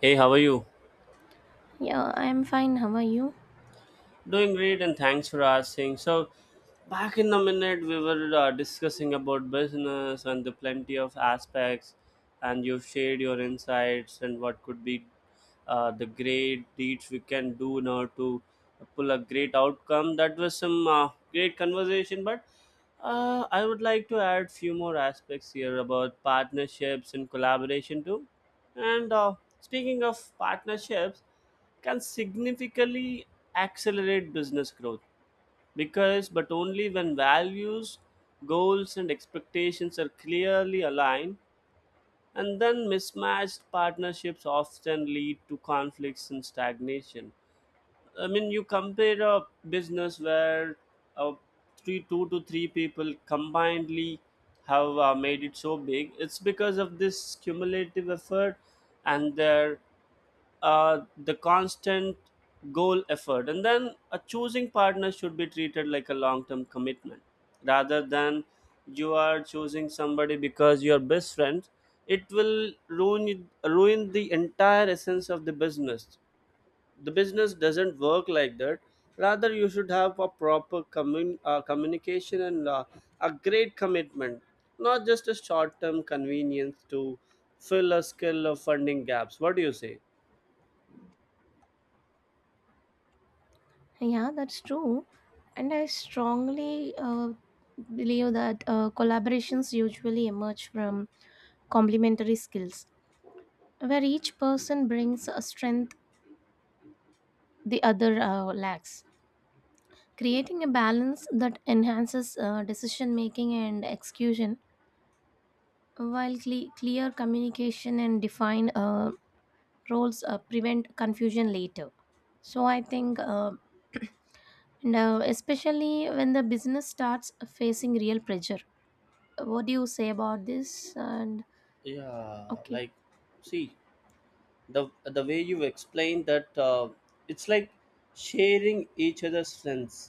Hey, how are you? Yeah, I'm fine. How are you? Doing great, and thanks for asking. So, back in a minute, we were discussing about business and the plenty of aspects, and you've shared your insights and what could be the great deeds we can do in order to pull a great outcome. That was some great conversation, but I would like to add few more aspects here about partnerships and collaboration too. And Speaking of partnerships. Can significantly accelerate business growth because but only when values, goals and expectations are clearly aligned, and then mismatched partnerships often lead to conflicts and stagnation. I mean, you compare a business where uh, three two to three people combinedly have made it so big, it's because of this cumulative effort and their the constant goal effort. And then a choosing partner should be treated like a long-term commitment, rather than you are choosing somebody because you're best friends. It will ruin the entire essence of the business. The business doesn't work like that. Rather, you should have a proper communication and a great commitment, not just a short-term convenience to fill a skill of funding gaps. What do you say? Yeah, that's true. And I strongly believe that collaborations usually emerge from complementary skills, where each person brings a strength the other lacks, creating a balance that enhances decision making and execution, while clear communication and defined roles prevent confusion later. So I think. Now, especially when the business starts facing real pressure. What do you say about this? And Yeah, okay. like, see, the way you explain that, it's like sharing each other's strengths,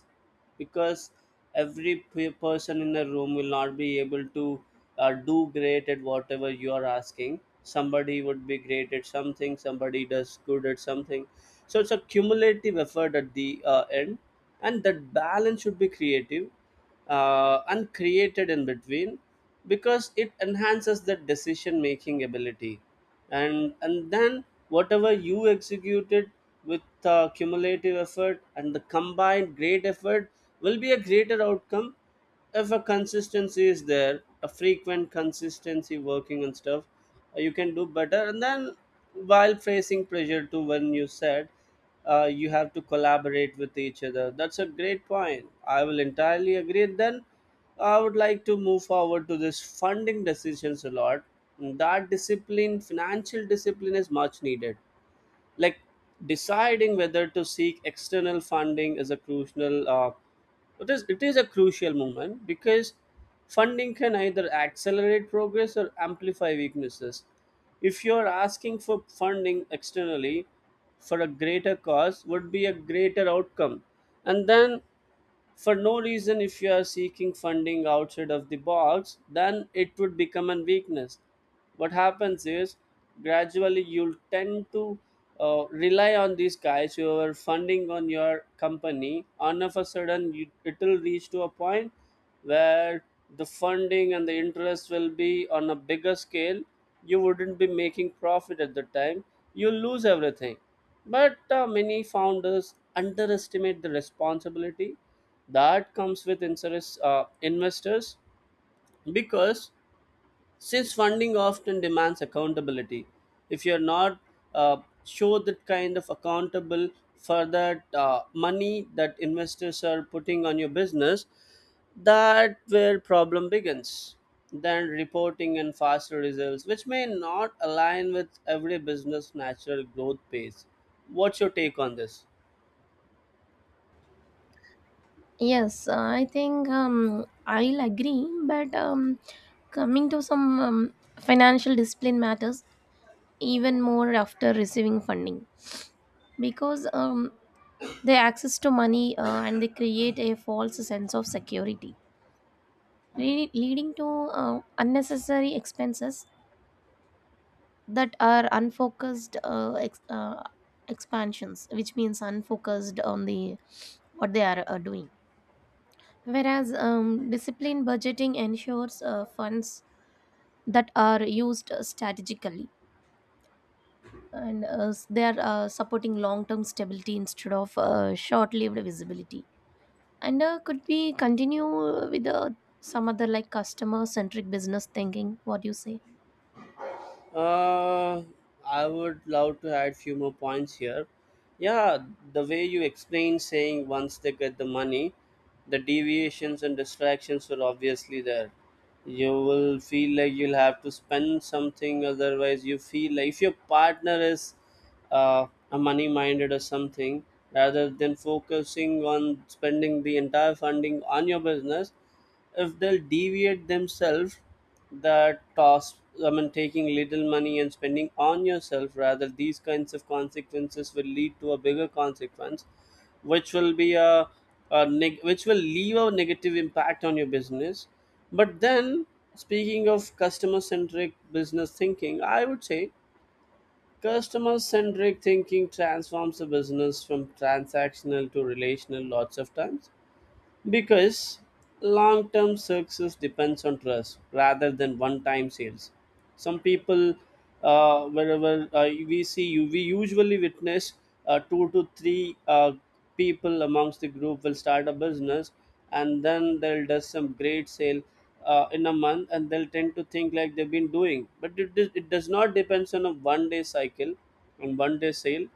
because every person in the room will not be able to do great at whatever you are asking. Somebody would be great at something, somebody does good at something, so it's a cumulative effort at the end. And that balance should be creative, and in between, because it enhances the decision making ability. And then whatever you executed with cumulative effort and the combined great effort will be a greater outcome. If a consistency is there, a frequent consistency working and stuff, you can do better. And then while facing pressure too, when you said you have to collaborate with each other. That's a great point. I will entirely agree. And then I would like to move forward to this funding decisions a lot. That discipline, financial discipline, is much needed. Like deciding whether to seek external funding is a crucial it is a crucial moment, because funding can either accelerate progress or amplify weaknesses. If you are asking for funding externally for a greater cause, would be a greater outcome. And then for no reason, if you are seeking funding outside of the box, then it would become a weakness. What happens is gradually you'll tend to rely on these guys who are funding on your company. On of a sudden, you, it'll reach to a point where the funding and the interest will be on a bigger scale. You wouldn't be making profit at the time. You'll lose everything. But many founders underestimate the responsibility that comes with insurance investors, because since funding often demands accountability, if you're not uh, show that kind of accountable for that money that investors are putting on your business, that where problem begins. Then reporting and faster results, which may not align with every business natural growth pace. What's your take on this? Yes, I think I'll agree, but coming to some financial discipline matters even more after receiving funding because the access to money and they create a false sense of security, leading to unnecessary expenses that are unfocused expansions, which means unfocused on the what they are doing, whereas disciplined budgeting ensures funds that are used strategically, and they are supporting long term stability instead of short lived visibility. And could we continue with some other like customer centric business thinking? What do you say? Uh, I would love to add few more points here. Yeah, the way you explain saying once they get the money, the deviations and distractions will obviously there. You will feel like you'll have to spend something, otherwise you feel like if your partner is uh, a money-minded or something, rather than focusing on spending the entire funding on your business, if they'll deviate themselves that task. I mean, taking little money and spending on yourself, rather these kinds of consequences will lead to a bigger consequence, which will be a, which will leave a negative impact on your business. But then speaking of customer centric business thinking, I would say customer centric thinking transforms a business from transactional to relational lots of times, because long term success depends on trust rather than one time sales. Some people, wherever we see you, we usually witness two to three people amongst the group will start a business and then they'll do some great sale in a month, and they'll tend to think like they've been doing. But it, it does not depends on a one day cycle, on one day sale.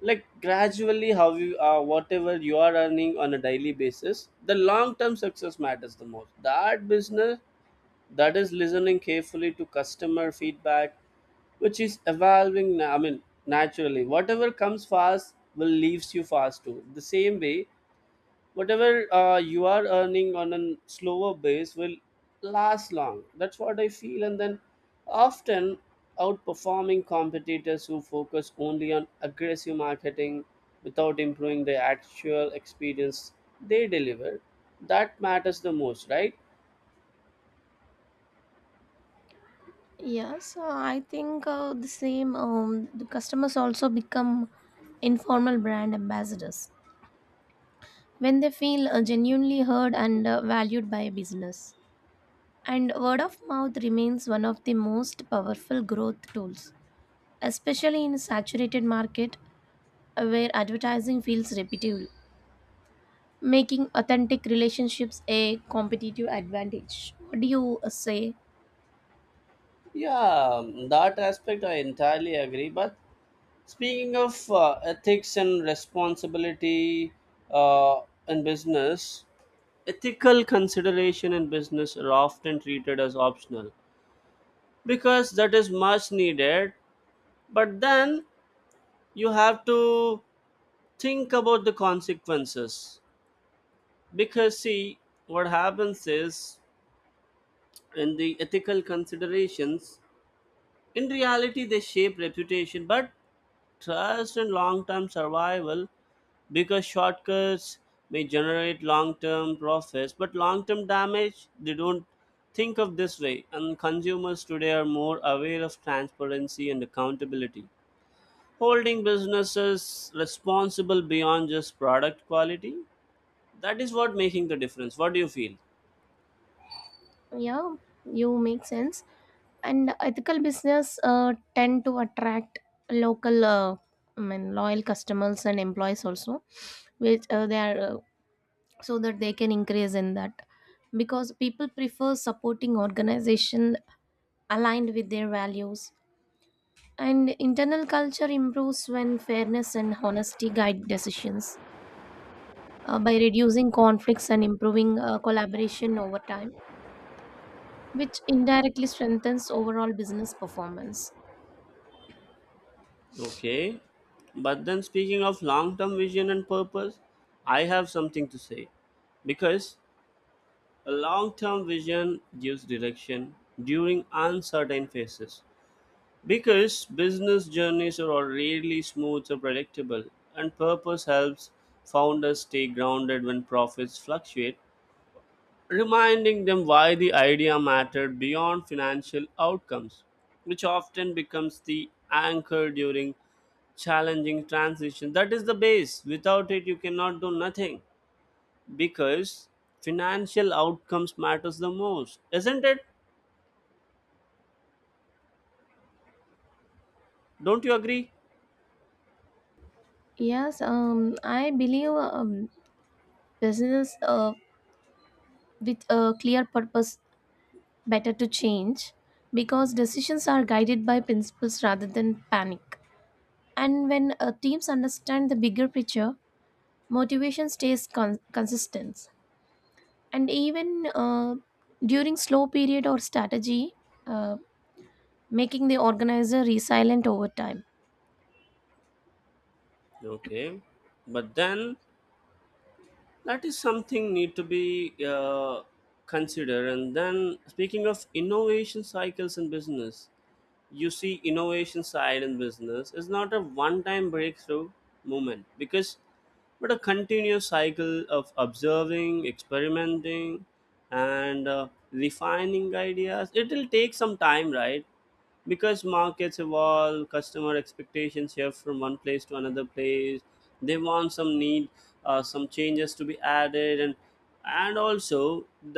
Like gradually how you whatever you are earning on a daily basis, the long term success matters the most. That business that is listening carefully to customer feedback, which is evolving I mean naturally, whatever comes fast will leaves you fast too. The same way, whatever you are earning on a slower base will last long. That's what I feel. And then often outperforming competitors who focus only on aggressive marketing without improving the actual experience they deliver. That matters the most, right? Yes, so I think the same. The customers also become informal brand ambassadors when they feel genuinely heard and valued by a business. And word of mouth remains one of the most powerful growth tools, especially in a saturated market where advertising feels repetitive, making authentic relationships a competitive advantage. What do you say? Yeah, that aspect I entirely agree. But speaking of ethics and responsibility uh, in business, ethical consideration in business are often treated as optional, because that is much needed, but then you have to think about the consequences. Because, see, what happens is in the ethical considerations, in reality, they shape reputation, but trust in long-term survival, because shortcuts may generate long-term profits but long-term damage they don't. Think of this way, and consumers today are more aware of transparency and accountability, holding businesses responsible beyond just product quality. That is what making the difference. What do you feel? Yeah, you make sense. And ethical business tend to attract local I mean loyal customers and employees also, which they are so that they can increase in that, because people prefer supporting organization aligned with their values, and internal culture improves when fairness and honesty guide decisions, by reducing conflicts and improving collaboration over time, which indirectly strengthens overall business performance. Okay, but then speaking of long-term vision and purpose, I have something to say, because a long-term vision gives direction during uncertain phases, because business journeys are rarely smooth or predictable, and purpose helps founders stay grounded when profits fluctuate, reminding them why the idea mattered beyond financial outcomes, which often becomes the anchor during challenging transition. That is the base. Without it, you cannot do nothing, because financial outcomes matters the most, isn't it? Don't you agree? Yes, I believe business with a clear purpose better to change, because decisions are guided by principles rather than panic. And when teams understand the bigger picture, motivation stays consistent. And even during slow period or strategy, uh, making the organizer resilient over time. Okay, but then that is something need to be considered. And then speaking of innovation cycles in business, you see innovation side in business is not a one time breakthrough moment, because but a continuous cycle of observing, experimenting and refining ideas. It will take some time, right? Because markets evolve, customer expectations shift from one place to another place. They want some need some changes to be added. And also,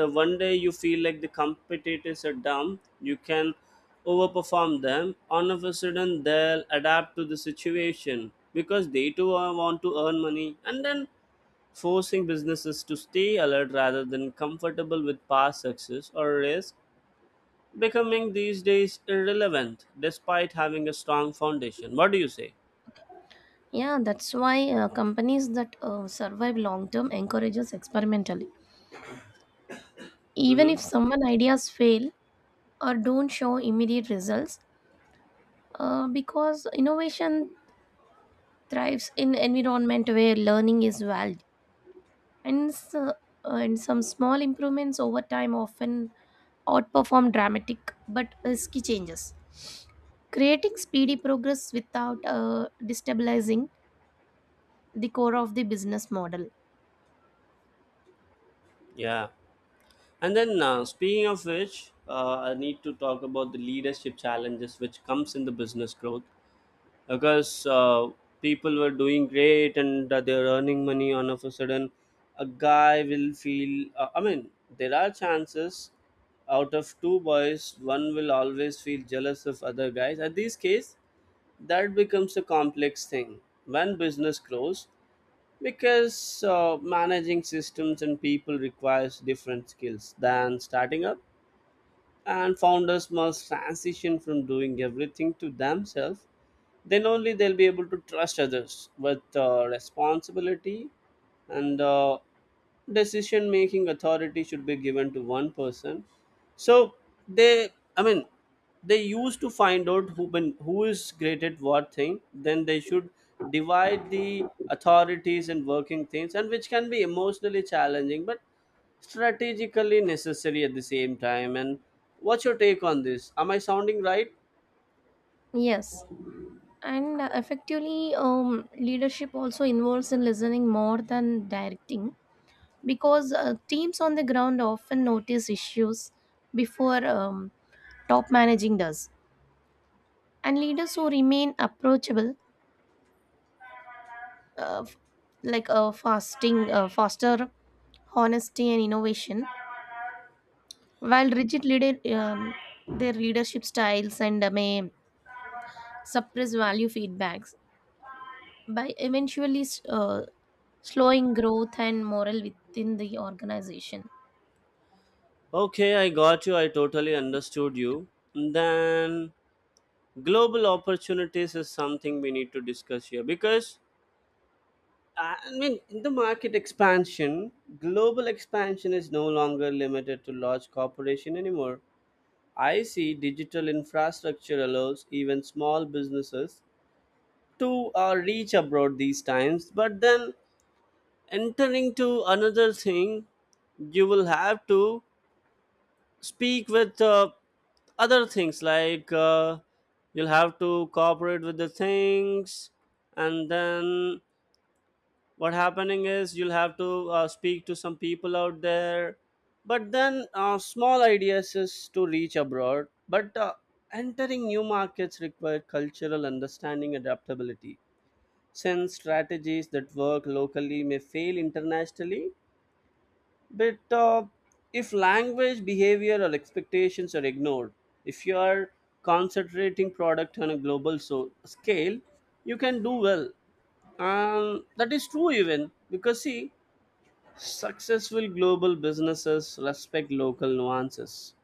the one day you feel like the competitors are dumb, you can overperform them. All of a sudden they'll adapt to the situation, because they too want to earn money. And then forcing businesses to stay alert rather than comfortable with past success, or risk becoming these days irrelevant despite having a strong foundation. What do you say? Yeah, that's why companies that survive long term encourages experimentally. Even Mm-hmm. if someone ideas fail or don't show immediate results, because innovation thrives in environment where learning is valued, and so, uh, and some small improvements over time often outperform dramatic but risky changes. Creating speedy progress without destabilizing the core of the business model. Yeah. And then speaking of which, I need to talk about the leadership challenges which comes in the business growth, because people were doing great and they're earning money. On of a sudden, a guy will feel. I mean, there are chances out of two boys, one will always feel jealous of other guys. At this case, that becomes a complex thing when business grows, because managing systems and people requires different skills than starting up. And founders must transition from doing everything to themselves, then only they'll be able to trust others with responsibility. And Decision making authority should be given to one person. So they, I mean, they used to find out who been, who is great at what thing, then they should divide the authorities and working things, and which can be emotionally challenging but strategically necessary at the same time. And what's your take on this? Am I sounding right? Yes. And effectively, leadership also involves in listening more than directing, because teams on the ground often notice issues before top managing does, and leaders who remain approachable f- like fasting foster honesty and innovation, while rigid leader their leadership styles and may suppress value feedbacks, by eventually uh, slowing growth and morale within the organization. Okay, I got you. I totally understood you. Then global opportunities is something we need to discuss here, because I mean in the market expansion, global expansion is no longer limited to large corporation anymore. I see digital infrastructure allows even small businesses to reach abroad these times, but then entering to another thing, you will have to speak with other things like you'll have to cooperate with the things. And then what happening is you'll have to speak to some people out there. But then small ideas is to reach abroad, but entering new markets require cultural understanding adaptability, since strategies that work locally may fail internationally. But if language, behavior, or expectations are ignored, if you are concentrating product on a global scale, you can do well. And that is true even because, see, successful global businesses respect local nuances,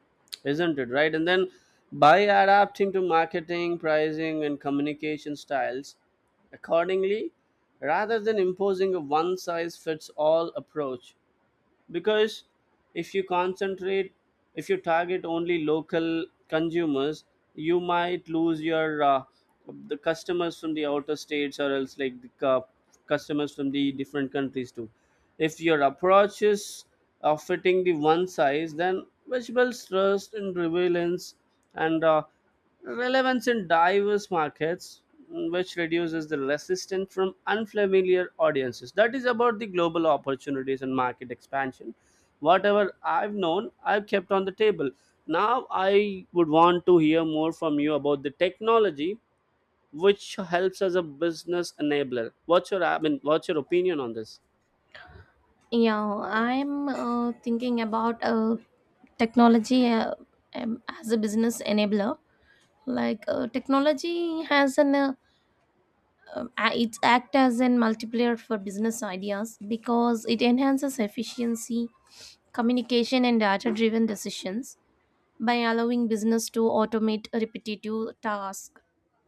isn't it? Right? And then by adapting to marketing, pricing, and communication styles accordingly, rather than imposing a one size fits all approach. Because if you concentrate if you target only local consumers, you might lose your the customers from the outer states, or else like the customers from the different countries too. If your approach is fitting the one size, then vegetables trust and relevance, and relevance in diverse markets, which reduces the resistance from unfamiliar audiences. That is about the global opportunities and market expansion. Whatever I've known, I've kept on the table. Now I would want to hear more from you about the technology which helps as a business enabler. What's your, I mean, what's your opinion on this? Yeah, I'm thinking about technology, as a business enabler. Like technology has it act as an multiplier for business ideas, because it enhances efficiency, communication, and data-driven decisions by allowing business to automate repetitive tasks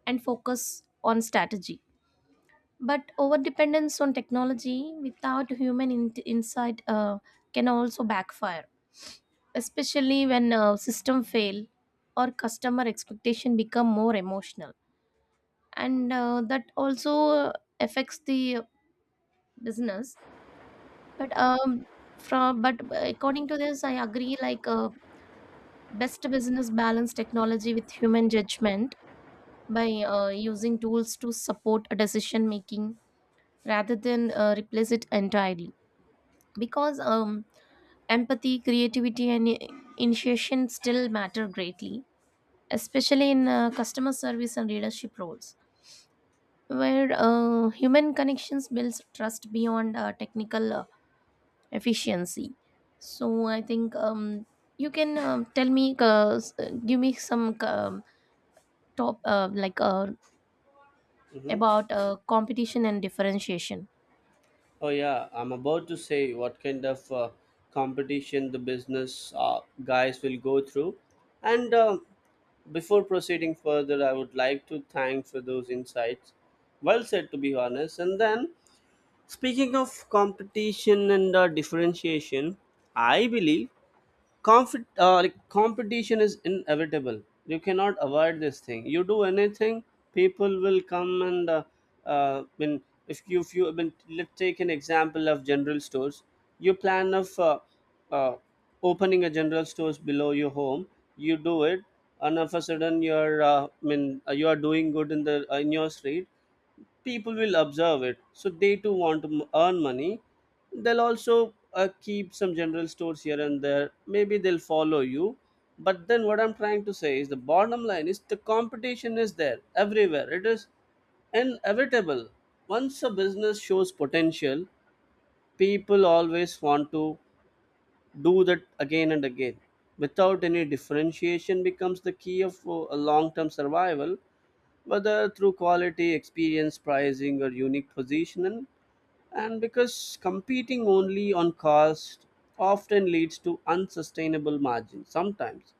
and focus on strategy. But overdependence on technology without human insight can also backfire, especially when system fail or customer expectation become more emotional, and that also affects the business. But from but according to this, I agree. Like best business balance technology with human judgment by using tools to support a decision making rather than replace it entirely, because empathy, creativity, and initiation still matter greatly, especially in customer service and leadership roles, where human connections builds trust beyond technical efficiency. So I think, you can tell me, give me some top Hmm. about competition and differentiation. Oh yeah, I'm about to say what kind of competition the business guys will go through. And before proceeding further, I would like to thank for those insights. Well said, to be honest. And then, speaking of competition and differentiation, I believe comfort, like competition is inevitable. You cannot avoid this thing. You do anything, people will come and when if you I mean, let's take an example of general stores. You plan of uh, opening a general stores below your home. You do it, and of a sudden you're I mean you are doing good in the in your street. People will observe it, so they too want to earn money. They'll also keep some general stores here and there. Maybe they'll follow you. But then what I'm trying to say is, the bottom line is, the competition is there everywhere. It is inevitable. Once a business shows potential, people always want to do that again and again. Without any differentiation becomes the key of a long term survival, whether through quality, experience, pricing, or unique positioning. And because competing only on cost often leads to unsustainable margins sometimes,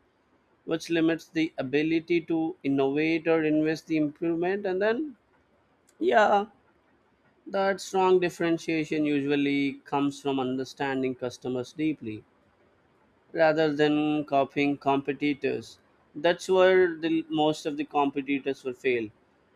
which limits the ability to innovate or invest the improvement. And then, yeah, that strong differentiation usually comes from understanding customers deeply rather than copying competitors. That's where the most of the competitors will fail.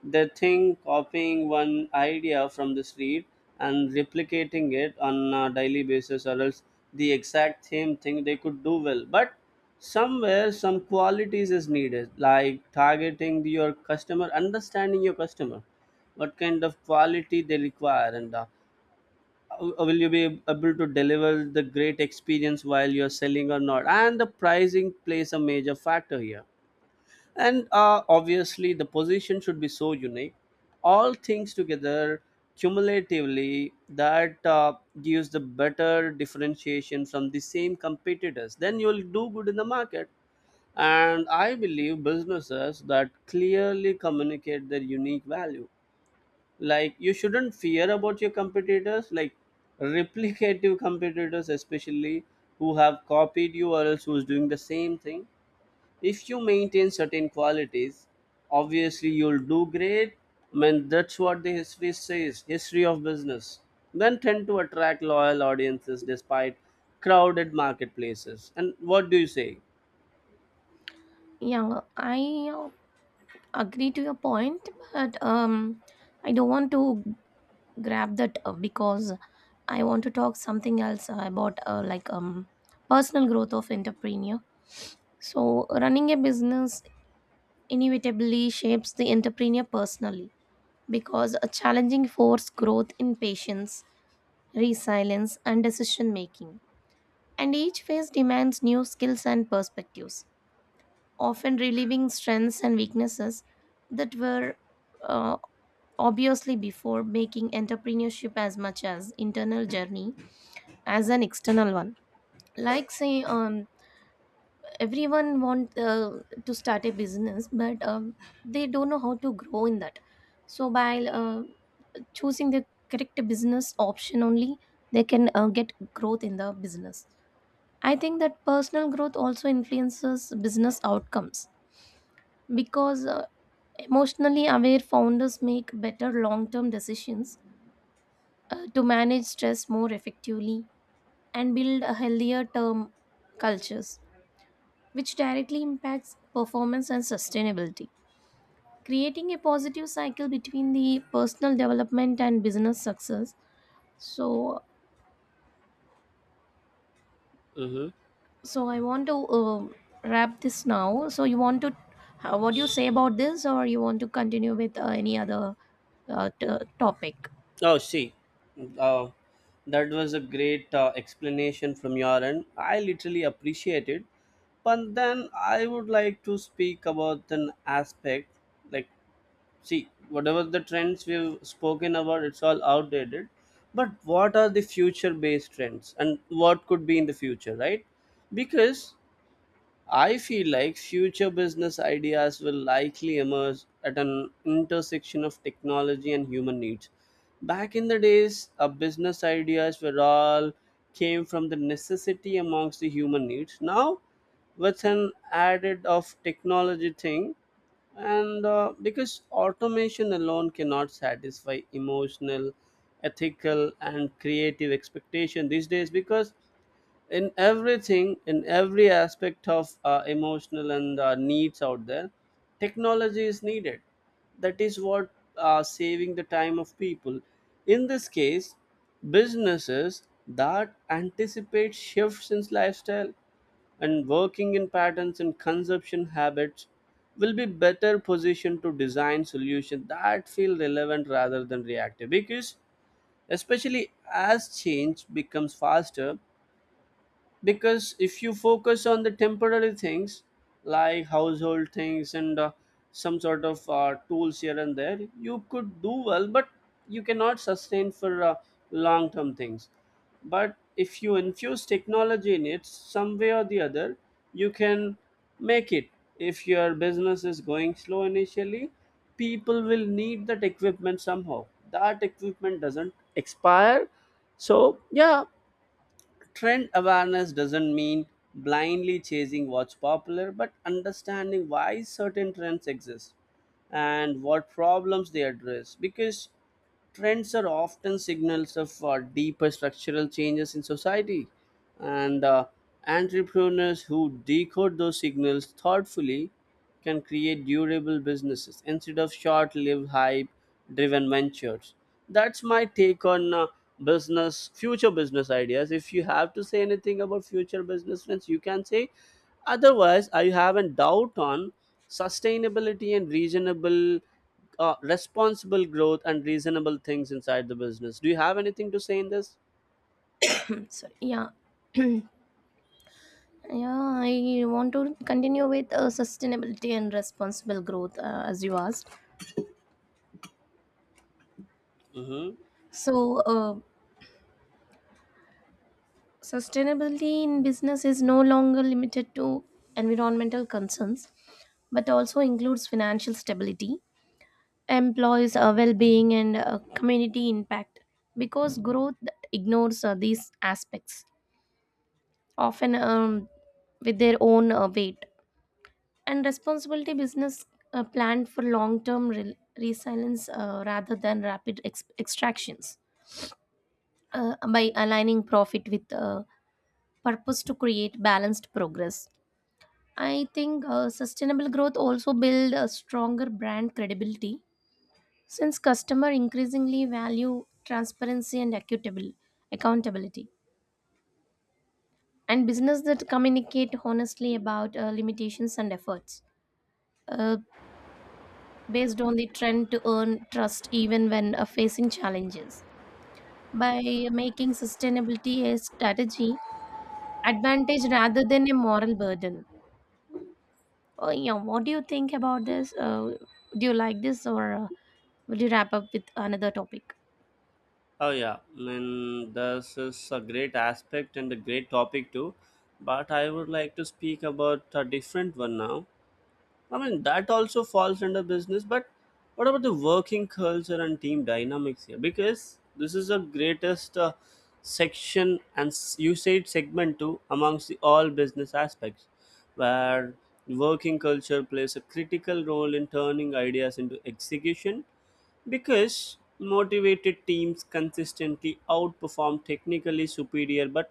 They think copying one idea from the street and replicating it on a daily basis, or else the exact same thing they could do well. But somewhere, some qualities is needed, like targeting your customer, understanding your customer, what kind of quality they require, and will you be able to deliver the great experience while you're selling or not. And the pricing plays a major factor here, and obviously the position should be so unique. All things together cumulatively, that gives the better differentiation from the same competitors, then you'll do good in the market. And I believe businesses that clearly communicate their unique value, like you shouldn't fear about your competitors, like replicative competitors especially, who have copied you, or else who's doing the same thing. If you maintain certain qualities, obviously you'll do great. I mean, that's what the history says, history of business, then tend to attract loyal audiences despite crowded marketplaces. And what do you say? Yeah, I agree to your point, but I don't want to grab that because I want to talk something else about like personal growth of entrepreneur. So running a business inevitably shapes the entrepreneur personally, because a challenging force growth in patience, resilience and decision making. And each phase demands new skills and perspectives, often relieving strengths and weaknesses that were uh, obviously before, making entrepreneurship as much as internal journey as an external one. Like say, everyone want to start a business, but they don't know how to grow in that. So by choosing the correct business option only they can get growth in the business. I think that personal growth also influences business outcomes, because emotionally aware founders make better long term decisions, to manage stress more effectively and build a healthier term cultures, which directly impacts performance and sustainability. Creating a positive cycle between the personal development and business success. So, Mhm. so I want to wrap this now. So, you want to how, what do you say about this, or you want to continue with any other uh, t- topic? Oh, see, uh, that was a great explanation from your end. I literally appreciate it. But then I would like to speak about an aspect, like, see, whatever the trends we've spoken about, it's all outdated. But what are the future based trends and what could be in the future, right? Because I feel like future business ideas will likely emerge at an intersection of technology and human needs. Back in the days, our business ideas were all came from the necessity amongst the human needs. Now, with an added of technology thing, and because automation alone cannot satisfy emotional, ethical, and creative expectation these days. Because in everything, in every aspect of emotional and needs out there, technology is needed. That is what saving the time of people. In this case, businesses that anticipate shifts in lifestyle and working in patterns and consumption habits will be better positioned to design solutions that feel relevant rather than reactive. Because especially as change becomes faster, because if you focus on the temporary things, like household things and some sort of tools here and there, you could do well, but you cannot sustain for long term things. But if you infuse technology in it some way or the other, you can make it. If your business is going slow initially, people will need that equipment somehow. That equipment doesn't expire. So yeah, trend awareness doesn't mean blindly chasing what's popular, but understanding why certain trends exist and what problems they address. Because trends are often signals of deeper structural changes in society, and entrepreneurs who decode those signals thoughtfully can create durable businesses instead of short-lived hype driven ventures. That's my take on business future business ideas. If you have to say anything about future business trends, you can say. Otherwise I have a doubt on sustainability and reasonable responsible growth and reasonable things inside the business. Do you have anything to say in this? Sorry. Yeah. Yeah, I want to continue with sustainability and responsible growth, as you asked. Mm-hmm. So, sustainability in business is no longer limited to environmental concerns, but also includes financial stability, employees' well being, and community impact. Because growth that ignores these aspects, often with their own weight. And responsibility business planned for long-term resilience, rather than rapid extractions, by aligning profit with purpose to create balanced progress. I think sustainable growth also build a stronger brand credibility, since customer increasingly value transparency and accountable accountability, and business that communicate honestly about limitations and efforts Uh, based on the trend to earn trust even when facing challenges. By making sustainability a strategy advantage rather than a moral burden. Oh, yeah, what do you think about this? Do you like this, or will you wrap up with another topic? Oh yeah, I mean, this is a great aspect and a great topic too, but I would like to speak about a different one now. I mean, that also falls under business, but what about the working culture and team dynamics here? Because this is the greatest section and you said segment too amongst the all business aspects, where working culture plays a critical role in turning ideas into execution, because motivated teams consistently outperform technically superior but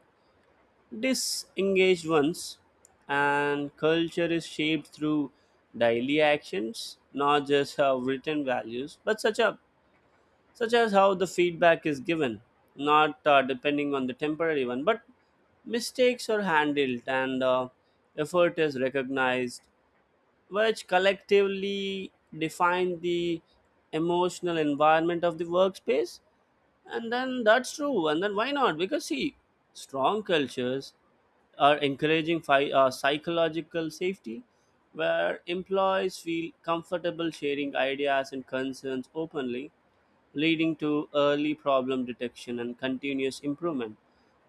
disengaged ones. And culture is shaped through daily actions, not just how written values, but such as how the feedback is given, not depending on the temporary one, but mistakes are handled, and effort is recognized, which collectively define the emotional environment of the workspace. And then that's true. And then why not? Because, see, strong cultures are encouraging psychological safety, where employees feel comfortable sharing ideas and concerns openly, leading to early problem detection and continuous improvement.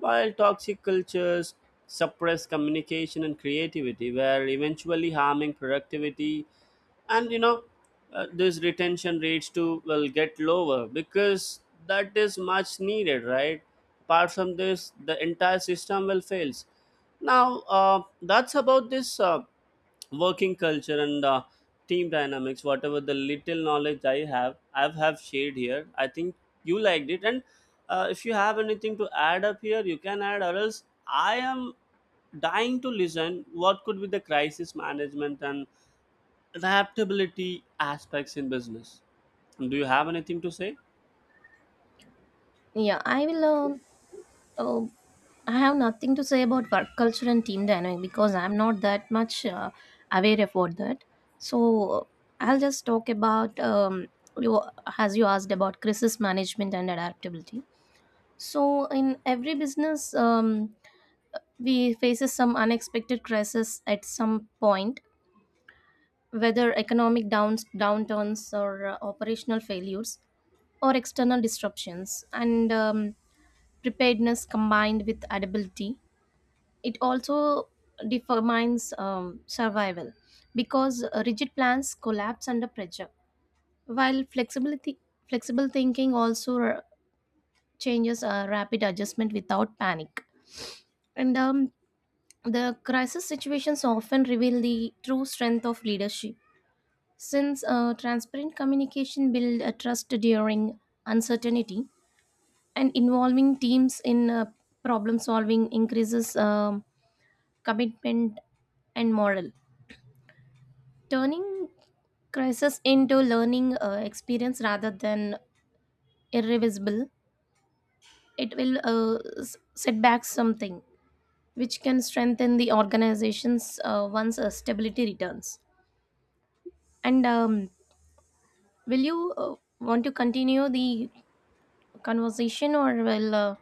While toxic cultures suppress communication and creativity, were eventually harming productivity, and you know this retention rates too will get lower, because that is much needed, right? Apart from this, the entire system will fails. Now that's about this working culture and team dynamics. Whatever the little knowledge I have, I've have shared here, I think you liked it. And if you have anything to add up here, you can add, or else I am dying to listen what could be the crisis management and adaptability aspects in business. Do you have anything to say? Yeah, I will. Oh, I have nothing to say about work culture and team dynamic because I'm not that much aware about that. So I'll just talk about, you as you asked, about crisis management and adaptability. So in every business, we faces some unexpected crisis at some point, whether economic downs downturns or operational failures or external disruptions, and preparedness combined with adaptability it also determines survival, because rigid plans collapse under pressure, while flexibility flexible thinking also changes a rapid adjustment without panic. And the crisis situations often reveal the true strength of leadership, since transparent communication build a trust during uncertainty, and involving teams in problem solving increases commitment and morale, turning crisis into learning experience rather than irreversible. It will set back something which can strengthen the organizations once stability returns. And will you want to continue the conversation or will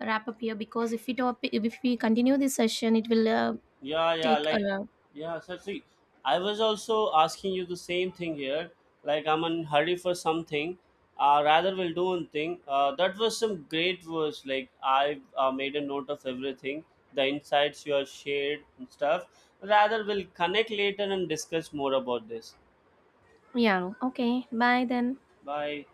wrap up here? Because if we top if we continue this session it will Yeah, yeah, take a like, yeah, so see, I was also asking you the same thing here. Like, I'm in hurry for something. Rather, we'll do one thing. That was some great words. Like, I made a note of everything, the insights you have shared and stuff. Rather, we'll connect later and discuss more about this. yeah, okay, bye then. Bye.